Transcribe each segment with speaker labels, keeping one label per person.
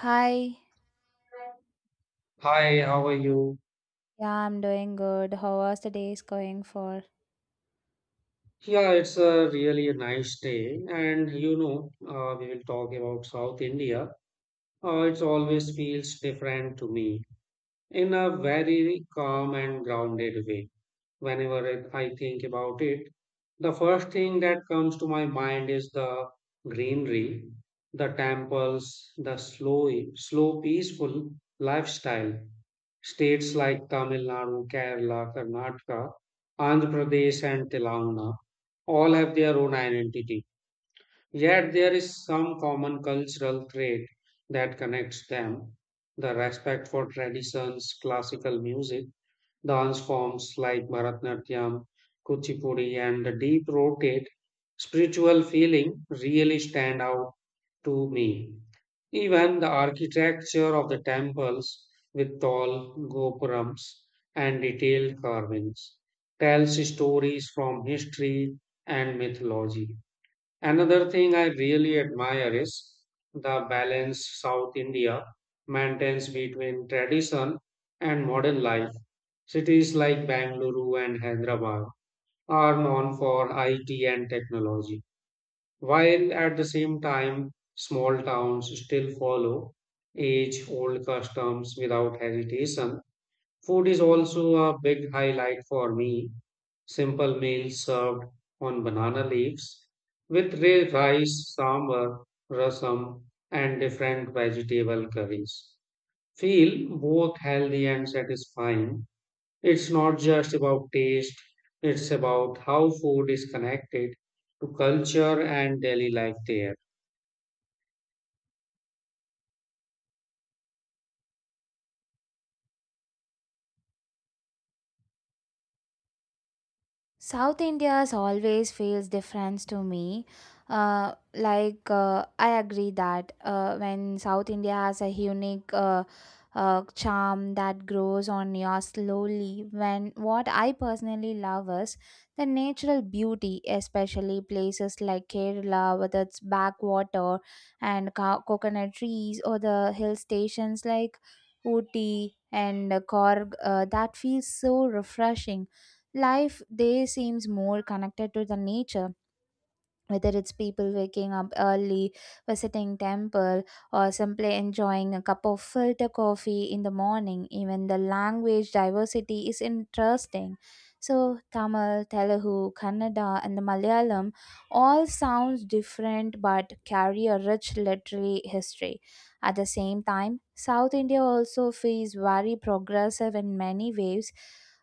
Speaker 1: Hi,
Speaker 2: Hi, how are you?
Speaker 1: yeah, I'm doing good. How was the days going for?
Speaker 2: Yeah, it's a really a nice day, and we will talk about South India. It always feels different to me in a very calm and grounded way. I think about it. The first thing that comes to my mind is the greenery, the temples, the slow, slow, peaceful lifestyle. States like Tamil Nadu, Kerala, Karnataka, Andhra Pradesh, and Telangana all have their own identity. Yet there is some common cultural trait that connects them, the respect for traditions, classical music, dance forms like Bharatanatyam, Kuchipudi, and the deep rotate spiritual feeling really stand out to me. Even the architecture of the temples with tall gopurams and detailed carvings tells stories from history and mythology. Another thing I really admire is the balance South India maintains between tradition and modern life. Cities like Bangalore and Hyderabad are known for IT and technology, while at the same time, small towns still follow age old customs without hesitation. Food is also a big highlight for me. Simple meals served on banana leaves with rice, sambar, rasam, and different vegetable curries feel both healthy and satisfying. It's not just about taste, it's about how food is connected to culture and daily life there.
Speaker 1: South India's always feels different to me. I agree that when South India has a unique charm that grows on you slowly. When what I personally love is the natural beauty, especially places like Kerala with its backwater and coconut trees, or the hill stations like Ooty and Korg. That feels so refreshing life there seems more connected to the nature whether it's people waking up early, visiting temple, or simply enjoying a cup of filter coffee in the morning, even the language diversity is interesting. So Tamil, Telugu, Kannada, and the Malayalam all sounds different but carry a rich literary history. At the same time, South India also feels very progressive in many ways.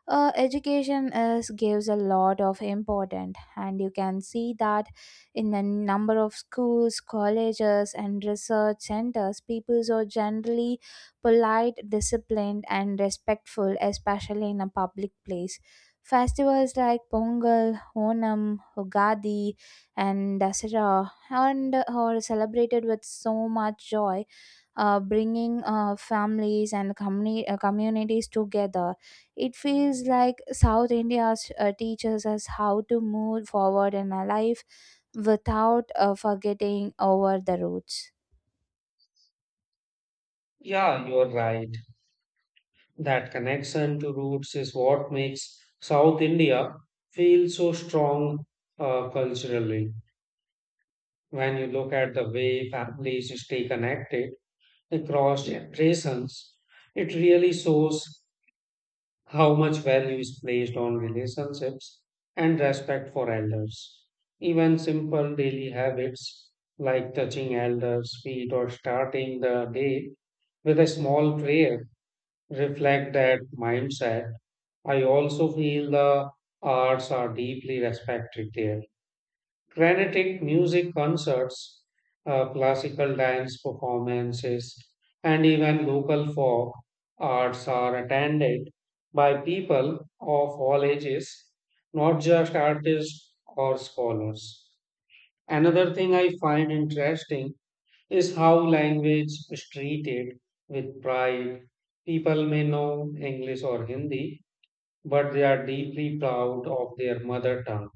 Speaker 1: Education is gives a lot of importance, and you can see that in a number of schools, colleges, and research centers, peoples are generally polite, disciplined, and respectful, especially in a public place. Festivals like Pongal, Onam, Ugadi, and Dasara and are celebrated with so much joy bringing families and communities together. It feels like South India teaches us how to move forward in our life without forgetting over the roots.
Speaker 2: Yeah, you're right. That connection to roots is what makes South India feel so strong culturally. When you look at the way families stay connected across generations, it really shows how much value is placed on relationships and respect for elders. Even simple daily habits like touching elders' feet or starting the day with a small prayer reflect that mindset. I also feel the arts are deeply respected there. Granitic music concerts, classical dance performances, and even local folk arts are attended by people of all ages, not just artists or scholars. Another thing I find interesting is how language is treated with pride. People may know English or Hindi but they are deeply proud of their mother tongue.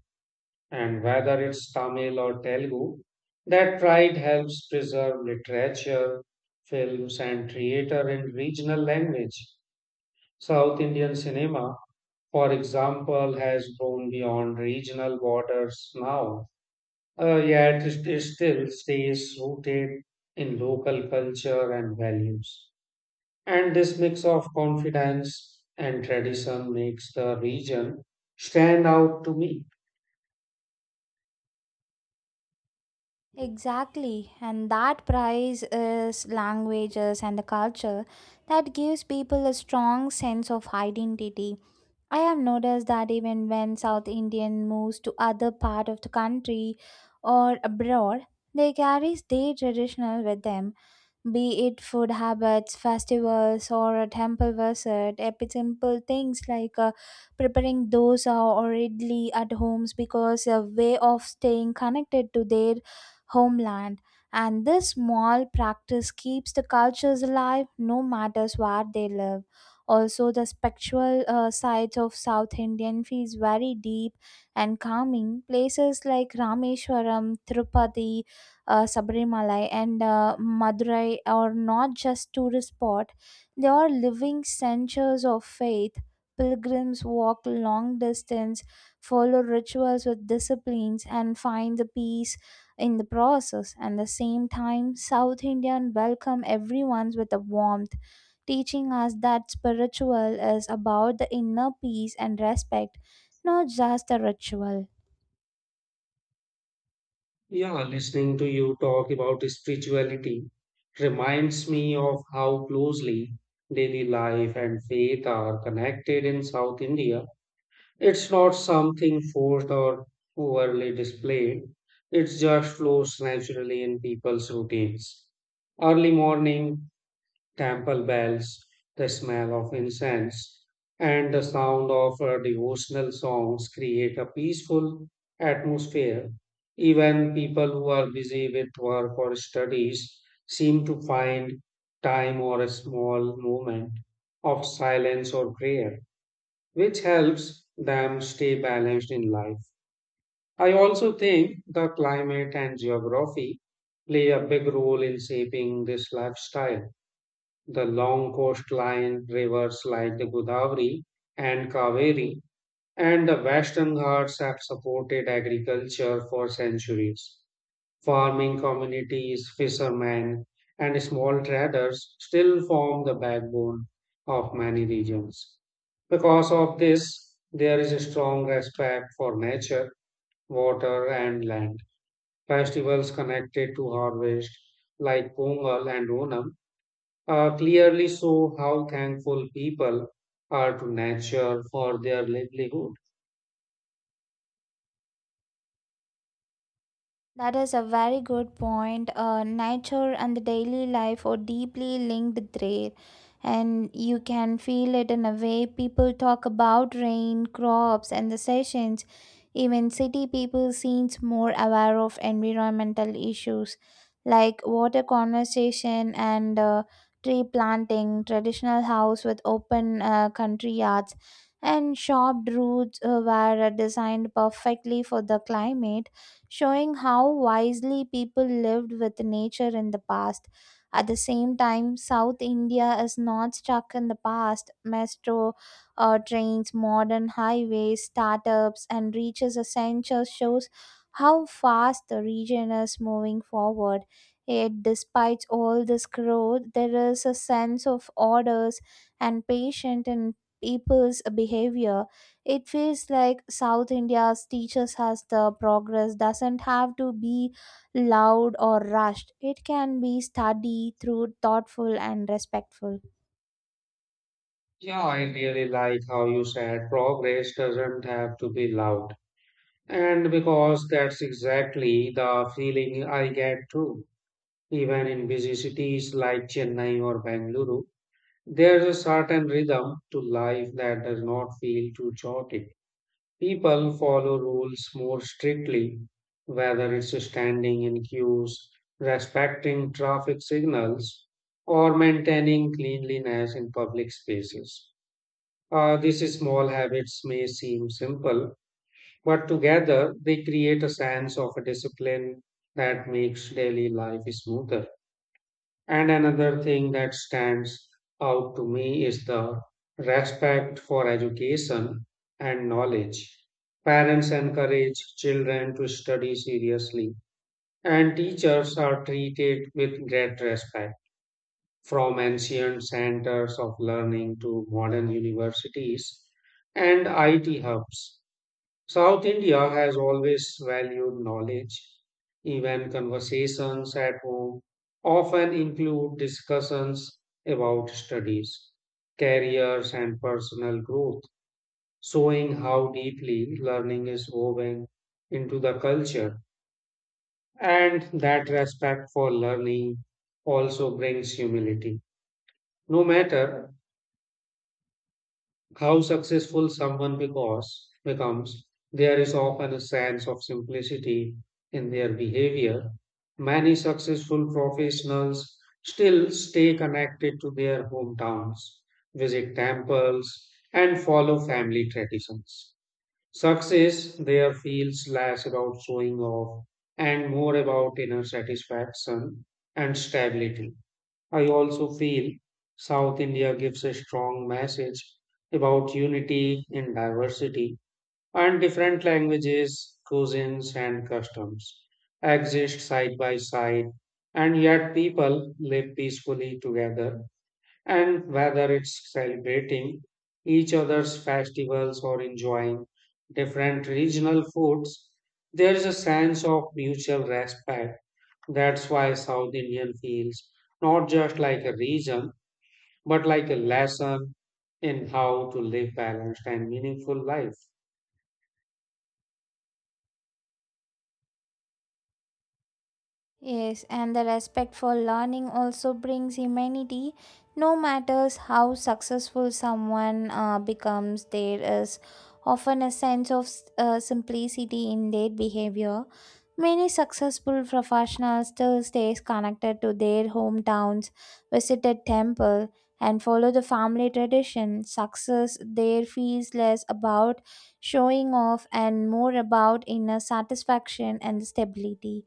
Speaker 2: And whether it's Tamil or Telugu, that pride helps preserve literature, films, and theater in regional language. South Indian cinema, for example, has grown beyond regional borders now, yet it still stays rooted in local culture and values. And this mix of confidence and tradition makes the region stand out to me.
Speaker 1: Exactly, and that prize is languages and the culture that gives people a strong sense of identity. I have noticed that even when South Indian moves to other part of the country or abroad, they carry their traditional with them, be it food habits, festivals, or a temple visit, simple things like preparing dosa or idli at homes because a way of staying connected to their homeland. And this small practice keeps the cultures alive no matter where they live. Also, the spiritual sides of South Indian feels very deep and calming. Places like Rameshwaram, Tirupati, Sabarimalai and Madurai are not just tourist spot; they are living centers of faith. Pilgrims walk long distance, follow rituals with disciplines, and find the peace in the process. And the same time, South Indian welcome everyone with a warmth, teaching us that spiritual is about the inner peace and respect, not just the ritual.
Speaker 2: Yeah, listening to you talk about spirituality reminds me of how closely daily life and faith are connected in South India. It's not something forced or overly displayed, it just flows naturally in people's routines. Early morning temple bells, the smell of incense, and the sound of devotional songs create a peaceful atmosphere. Even people who are busy with work or studies seem to find time or a small moment of silence or prayer, which helps them stay balanced in life. I also think the climate and geography play a big role in shaping this lifestyle. The long coastline, rivers like the Godavari and Kaveri, and the Western Ghats have supported agriculture for centuries. Farming communities, fishermen, and small traders still form the backbone of many regions. Because of this, there is a strong respect for nature, water, and land. Festivals connected to harvest, like Pongal and Onam, clearly show how thankful people are to nature for their livelihood.
Speaker 1: That is a very good point. Nature and the daily life are deeply linked there, and you can feel it in a way people talk about rain, crops, and the sessions. Even city people seems more aware of environmental issues like water conservation and tree planting, traditional house with open country yards, and shop routes were designed perfectly for the climate showing how wisely people lived with nature in the past. At the same time, South India is not stuck in the past. Metro trains, modern highways, startups, and reaches essential shows how fast the region is moving forward. Yet, despite all this growth, there is a sense of orders and patience in people's behavior. It feels like South India's teachers has the progress doesn't have to be loud or rushed. It can be studied through thoughtful and respectful.
Speaker 2: Yeah, I really like how you said progress doesn't have to be loud. And because that's exactly the feeling I get too. Even in busy cities like Chennai or Bangalore, there's a certain rhythm to life that does not feel too chaotic. People follow rules more strictly, whether it's standing in queues, respecting traffic signals, or maintaining cleanliness in public spaces. These small habits may seem simple, but together they create a sense of a discipline that makes daily life smoother. And another thing that stands out to me is the respect for education and knowledge. Parents encourage children to study seriously, and teachers are treated with great respect. From ancient centers of learning to modern universities and IT hubs, South India has always valued knowledge. Even conversations at home often include discussions about studies, careers, and personal growth, showing how deeply learning is woven into the culture. And that respect for learning also brings humility. No matter how successful someone becomes, there is often a sense of simplicity in their behavior. Many successful professionals still stay connected to their hometowns, visit temples, and follow family traditions. Success there feels less about showing off and more about inner satisfaction and stability. I also feel South India gives a strong message about unity in diversity, and different languages, cuisines, and customs exist side by side, and yet people live peacefully together. And whether it's celebrating each other's festivals or enjoying different regional foods, there is a sense of mutual respect. That's why South Indian feels not just like a region, but like a lesson in how to live balanced and meaningful life.
Speaker 1: Yes, and the respect for learning also brings humanity. No matters how successful someone becomes, there is often a sense of simplicity in their behavior. Many successful professionals still stay connected to their hometowns, visited temple, and follow the family tradition. Success there feels less about showing off and more about inner satisfaction and stability.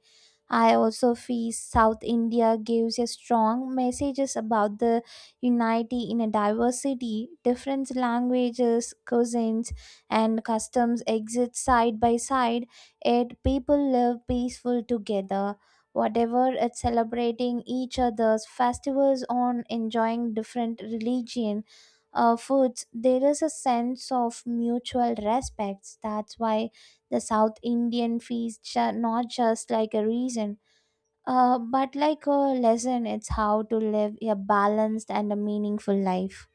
Speaker 1: I also feel South India gives a strong messages about the unity in a diversity. Different languages, cuisines, and customs exist side by side it people live peaceful together, whatever it's celebrating each other's festivals on enjoying different religion foods. There is a sense of mutual respects. That's why the South Indian feasts are not just like a reason. But like a lesson, it's how to live a balanced and a meaningful life.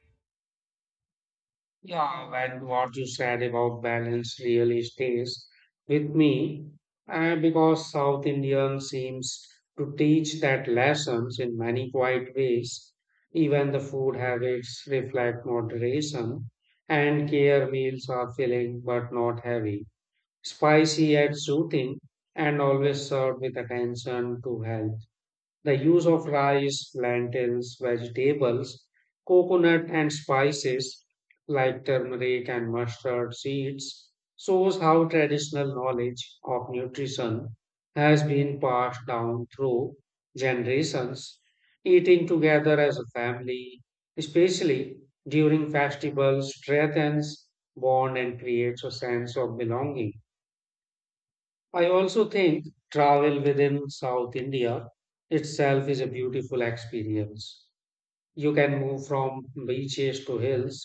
Speaker 2: Yeah, and what you said about balance really stays with me, and because South Indian seems to teach that lessons in many quiet ways. Even the food habits reflect moderation, and care meals are filling but not heavy, spicy yet soothing, and always served with attention to health. The use of rice, lentils, vegetables, coconut, and spices like turmeric and mustard seeds shows how traditional knowledge of nutrition has been passed down through generations. Eating together as a family, especially during festivals, strengthens bond and creates a sense of belonging. I also think travel within South India itself is a beautiful experience. You can move from beaches to hills,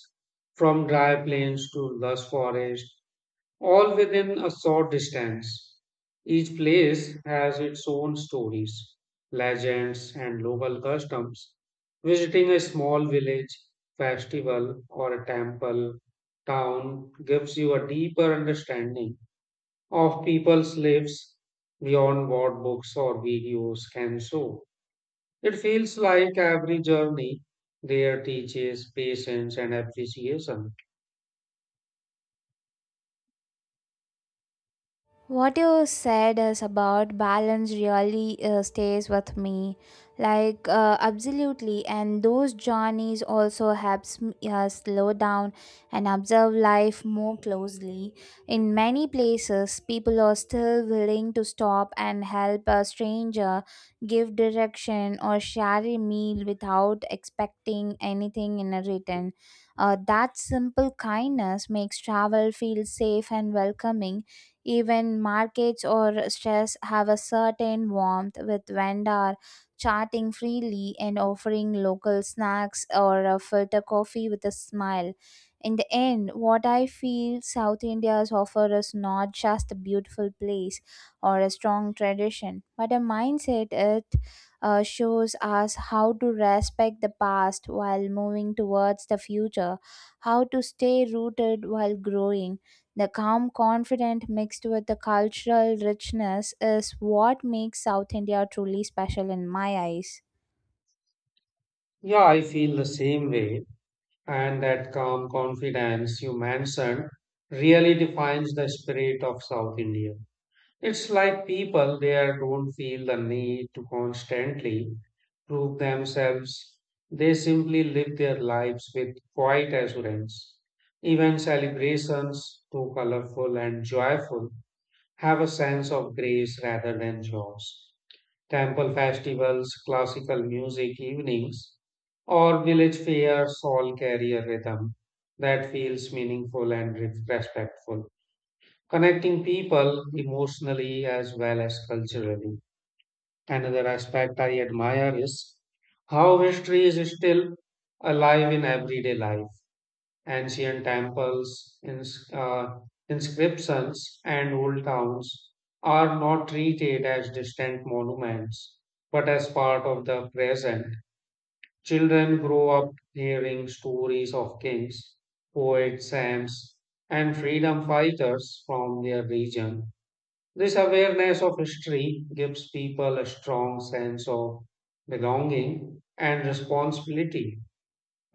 Speaker 2: from dry plains to lush forest, all within a short distance. Each place has its own stories, legends, and local customs. Visiting a small village, festival, or a temple town gives you a deeper understanding of people's lives beyond what books or videos can show. It feels like every journey there teaches patience and appreciation.
Speaker 1: What you said is about balance really stays with me. Like, absolutely. And those journeys also helps me slow down and observe life more closely. In many places, people are still willing to stop and help a stranger, give direction, or share a meal without expecting anything in a return. That simple kindness makes travel feel safe and welcoming even markets or stress have a certain warmth with vendor chatting freely and offering local snacks or a filter coffee with a smile. In the end, what I feel South India's offer is not just a beautiful place or a strong tradition, but a mindset it shows us how to respect the past while moving towards the future, how to stay rooted while growing the calm confidence mixed with the cultural richness is what makes South India truly special in my eyes.
Speaker 2: Yeah, I feel the same way. And that calm confidence you mentioned really defines the spirit of South India. It's like people there don't feel the need to constantly prove themselves. They simply live their lives with quiet assurance. Even celebrations, too colorful and joyful, have a sense of grace rather than chores. Temple festivals, classical music evenings, or village fairs all carry a rhythm that feels meaningful and respectful, connecting people emotionally as well as culturally. Another aspect I admire is how history is still alive in everyday life. Ancient temples, inscriptions, and old towns are not treated as distant monuments, but as part of the present. Children grow up hearing stories of kings, poets, saints, and freedom fighters from their region. This awareness of history gives people a strong sense of belonging and responsibility,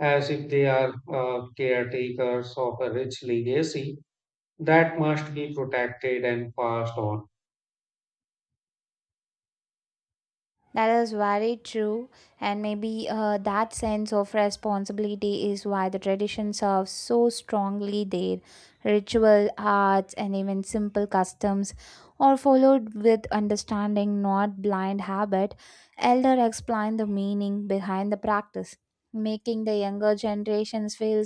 Speaker 2: as if they are caretakers of a rich legacy that must be protected and passed on.
Speaker 1: That is very true, and maybe that sense of responsibility is why the tradition serves so strongly there. Ritual, arts, and even simple customs are followed with understanding, not blind habit. Elder explain the meaning behind the practice, making the younger generations feel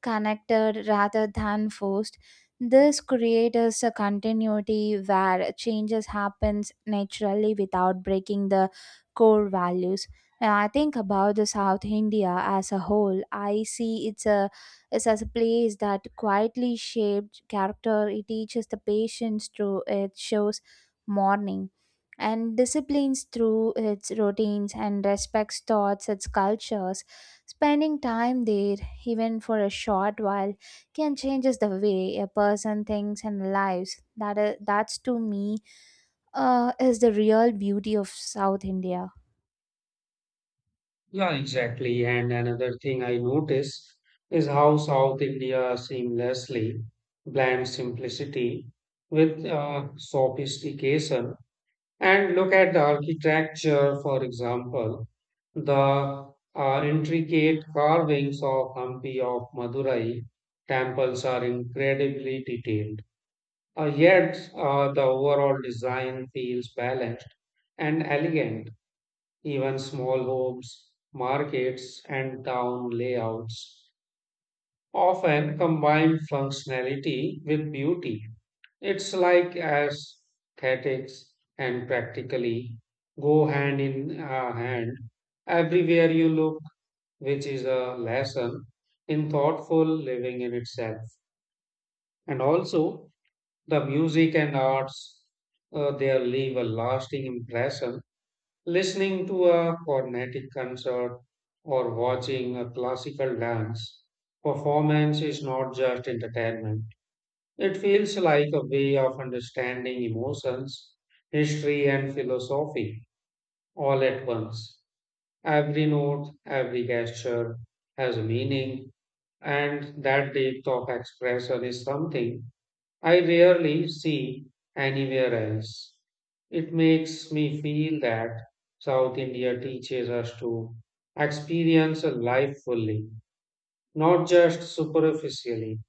Speaker 1: connected rather than forced. This creates a continuity where changes happens naturally without breaking the core values. When I think about the South India as a whole, I see it's as a place that quietly shaped character. It teaches the patience through it shows mourning and disciplines through its routines and respects thoughts its cultures. Spending time there, even for a short while, can changes the way a person thinks and lives. That is, that's to me is the real beauty of South India.
Speaker 2: Yeah, exactly. And another thing I notice is how South India seamlessly blends simplicity with sophistication. And look at the architecture, for example, the intricate carvings of Hampi of Madurai temples are incredibly detailed. Yet the overall design feels balanced and elegant. Even small homes, markets, and town layouts often combine functionality with beauty. It's like aesthetics and practically go hand in hand everywhere you look, which is a lesson in thoughtful living in itself. And also, the music and arts, they leave a lasting impression. Listening to a Carnatic concert or watching a classical dance performance is not just entertainment. It feels like a way of understanding emotions, history, and philosophy all at once. Every note, every gesture has a meaning, and that depth of expression is something I rarely see anywhere else. It makes me feel that South India teaches us to experience life fully, not just superficially.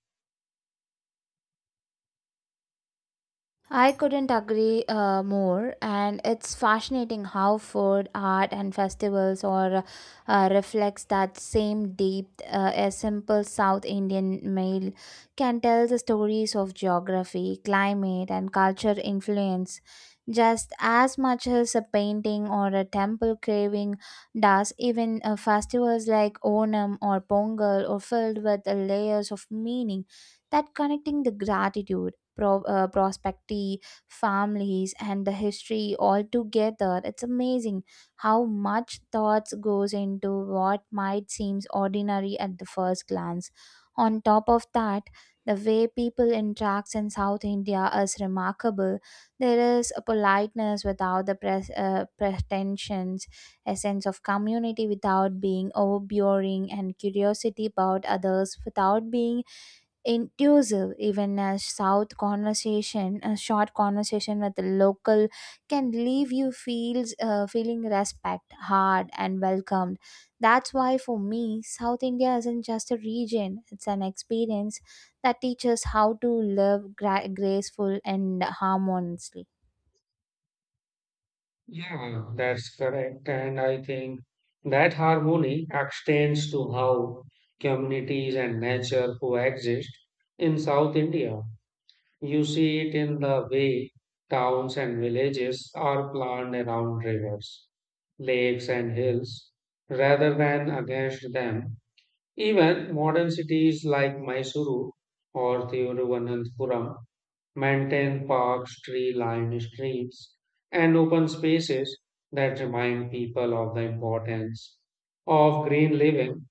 Speaker 1: I couldn't agree more, and it's fascinating how food, art, and festivals or reflects that same depth. A simple South Indian meal can tell the stories of geography, climate, and culture influence just as much as a painting or a temple carving does. Even festivals like Onam or Pongal are filled with layers of meaning that connecting the gratitude prospectee families and the history all together. It's amazing how much thoughts goes into what might seems ordinary at the first glance. On top of that, the way people interact in South India is remarkable. There is a politeness without the pretensions, a sense of community without being overbearing and curiosity about others without being intrusive. Even a short conversation with the local can leave you feels feeling respect hard and welcomed. That's why for me South India isn't just a region, it's an experience that teaches how to live graceful and harmoniously.
Speaker 2: Yeah, that's correct. And I think that harmony extends to how communities and nature coexist in South India. You see it in the way towns and villages are planned around rivers, lakes, and hills rather than against them. Even modern cities like Mysuru or Thiruvananthapuram maintain parks, tree lined streets, and open spaces that remind people of the importance of green living.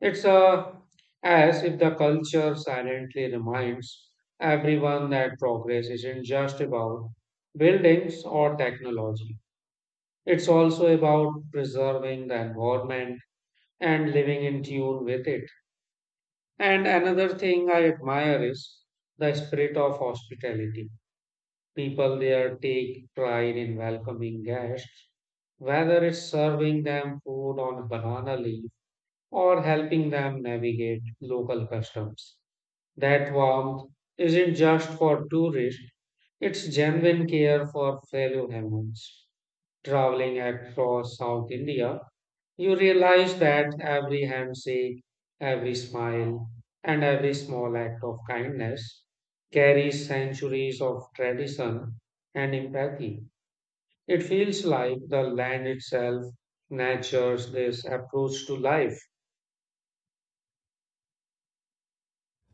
Speaker 2: It's As if the culture silently reminds everyone that progress isn't just about buildings or technology. It's also about preserving the environment and living in tune with it. And another thing I admire is the spirit of hospitality. People there take pride in welcoming guests, whether it's serving them food on a banana leaf or helping them navigate local customs. That warmth isn't just for tourists, it's genuine care for fellow humans. Traveling across South India, you realize that every handshake, every smile, and every small act of kindness carries centuries of tradition and empathy. It feels like the land itself nurtures this approach to life.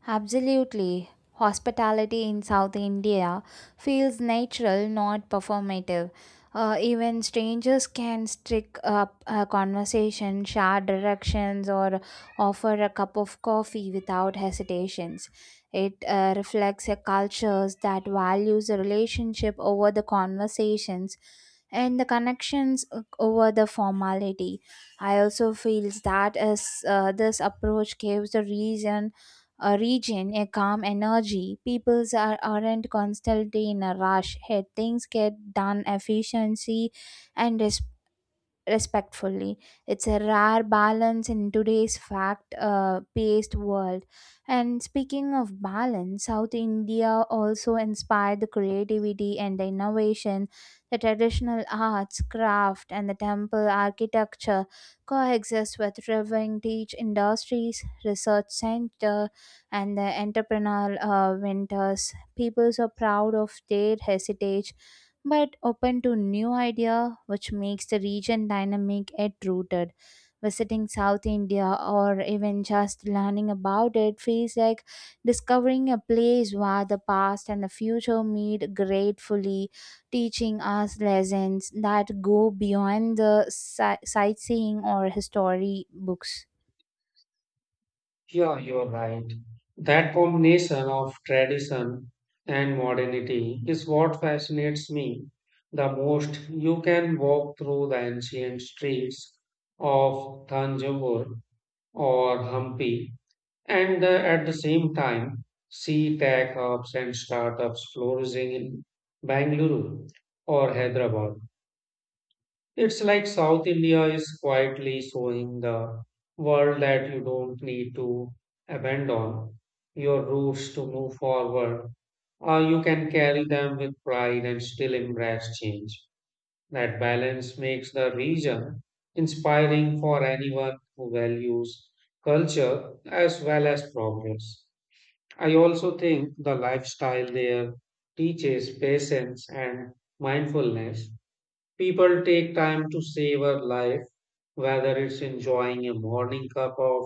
Speaker 1: Absolutely. Hospitality in South India feels natural, not performative. Even strangers can strike up a conversation, share directions, or offer a cup of coffee without hesitations. It reflects a culture that values the relationship over the conversations and the connections over the formality. I also feel that as this approach gives the reason a region, a calm energy. Peoples are, aren't constantly in a rush. Hey, things get done efficiency and responsibility respectfully. It's a rare balance in today's fact paced world. And speaking of balance, South India also inspired the creativity and the innovation. The traditional arts, craft, and the temple architecture coexist with thriving teach industries, research center, and the entrepreneurial winters. People are proud of their heritage but open to new idea which makes the region dynamic and rooted. Visiting South India or even just learning about it feels like discovering a place where the past and the future meet gratefully, teaching us lessons that go beyond the sightseeing or history books.
Speaker 2: Yeah, you're right. That combination of tradition and modernity is what fascinates me the most. You can walk through the ancient streets of Thanjavur or Hampi and at the same time see tech hubs and startups flourishing in Bangalore or Hyderabad. It's like South India is quietly showing the world that you don't need to abandon your roots to move forward. You can carry them with pride and still embrace change. That balance makes the region inspiring for anyone who values culture as well as progress. I also think the lifestyle there teaches patience and mindfulness. People take time to savor life, whether it's enjoying a morning cup of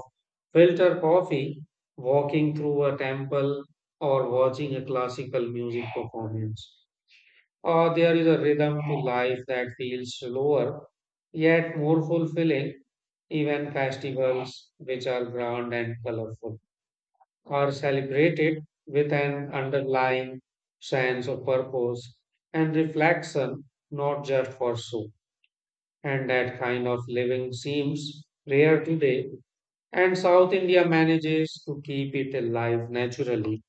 Speaker 2: filter coffee, walking through a temple, or watching a classical music performance. Or there is a rhythm to life that feels slower yet more fulfilling. Even festivals, which are grand and colorful, are celebrated with an underlying sense of purpose and reflection, not just for show, and that kind of living seems rare today, and South India manages to keep it alive naturally.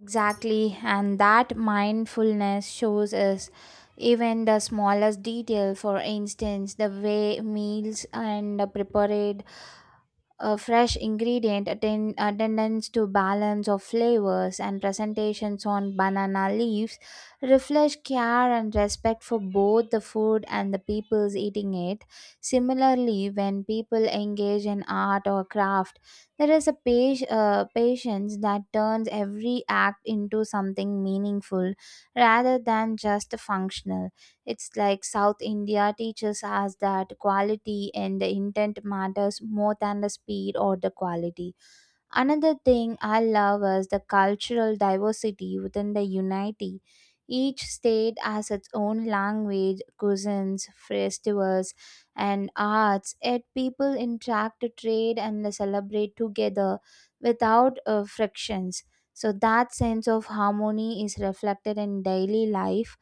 Speaker 1: Exactly, and that mindfulness shows us even the smallest detail. For instance, the way meals and prepared a fresh ingredient tendance to balance of flavors and presentations on banana leaves reflects care and respect for both the food and the peoples eating it. Similarly, when people engage in art or craft, there is a patience that turns every act into something meaningful rather than just functional. It's like South India teaches us that quality and the intent matters more than the speed or the quality. Another thing I love is the cultural diversity within the unity. Each state has its own language, cuisines, festivals, and arts, yet people interact trade and celebrate together without frictions. So, that sense of harmony is reflected in daily life.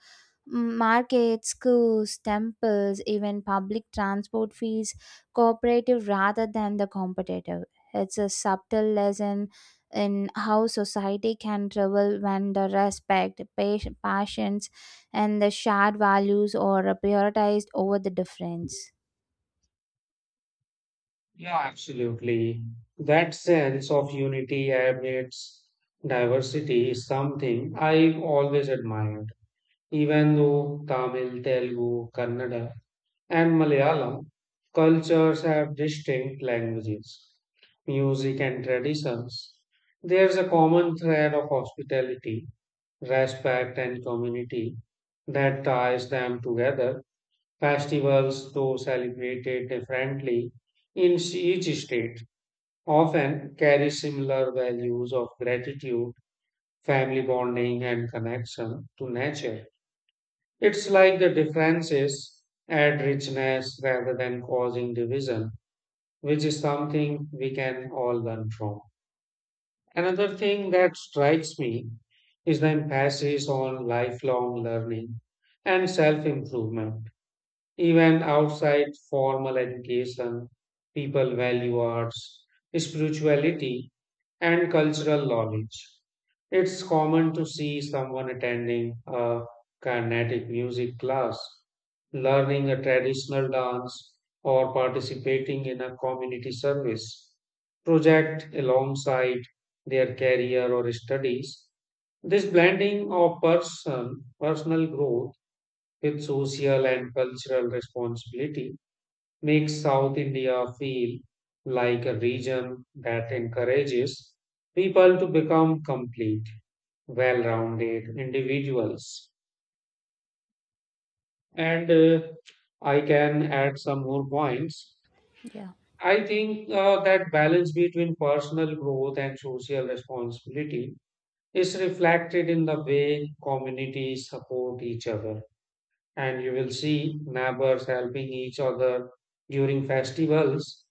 Speaker 1: Markets, schools, temples, even public transport fees cooperative rather than the competitive. It's a subtle lesson in how society can travel when the respect, passions, and the shared values are prioritized over the difference.
Speaker 2: Yeah, absolutely. That sense of unity amidst diversity is something I've always admired. Even though Tamil, Telugu, Kannada, and Malayalam cultures have distinct languages, music, and traditions, there's a common thread of hospitality, respect, and community that ties them together. Festivals, though celebrated differently in each state, often carry similar values of gratitude, family bonding, and connection to nature. It's like the differences add richness rather than causing division, which is something we can all learn from. Another thing that strikes me is the emphasis on lifelong learning and self improvement. Even outside formal education, people value arts, spirituality, and cultural knowledge. It's common to see someone attending a Carnatic music class, learning a traditional dance, or participating in a community service project alongside their career or studies. This blending of personal growth, its social and cultural responsibility, makes South India feel like a region that encourages people to become complete, well rounded individuals. And I can add some more points.
Speaker 1: Yeah.
Speaker 2: I think that balance between personal growth and social responsibility is reflected in the way communities support each other, and you will see neighbors helping each other during festivals,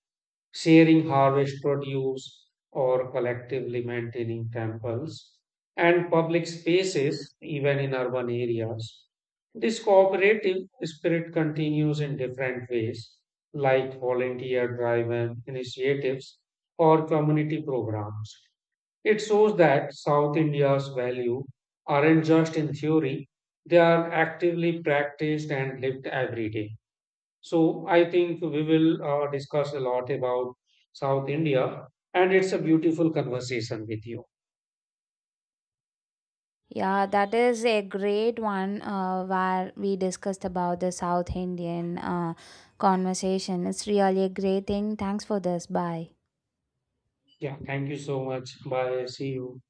Speaker 2: sharing harvest produce, or collectively maintaining temples and public spaces, even in urban areas. This cooperative spirit continues in different ways, like volunteer driven initiatives or community programs. It shows that South India's values aren't just in theory, they are actively practiced and lived every day. So I think we will discuss a lot about South India, and it's a beautiful conversation with you.
Speaker 1: Yeah, that is a great one where we discussed about the South Indian conversation. It's really a great thing. Thanks for this. Bye.
Speaker 2: Yeah, thank you so much. Bye. See you.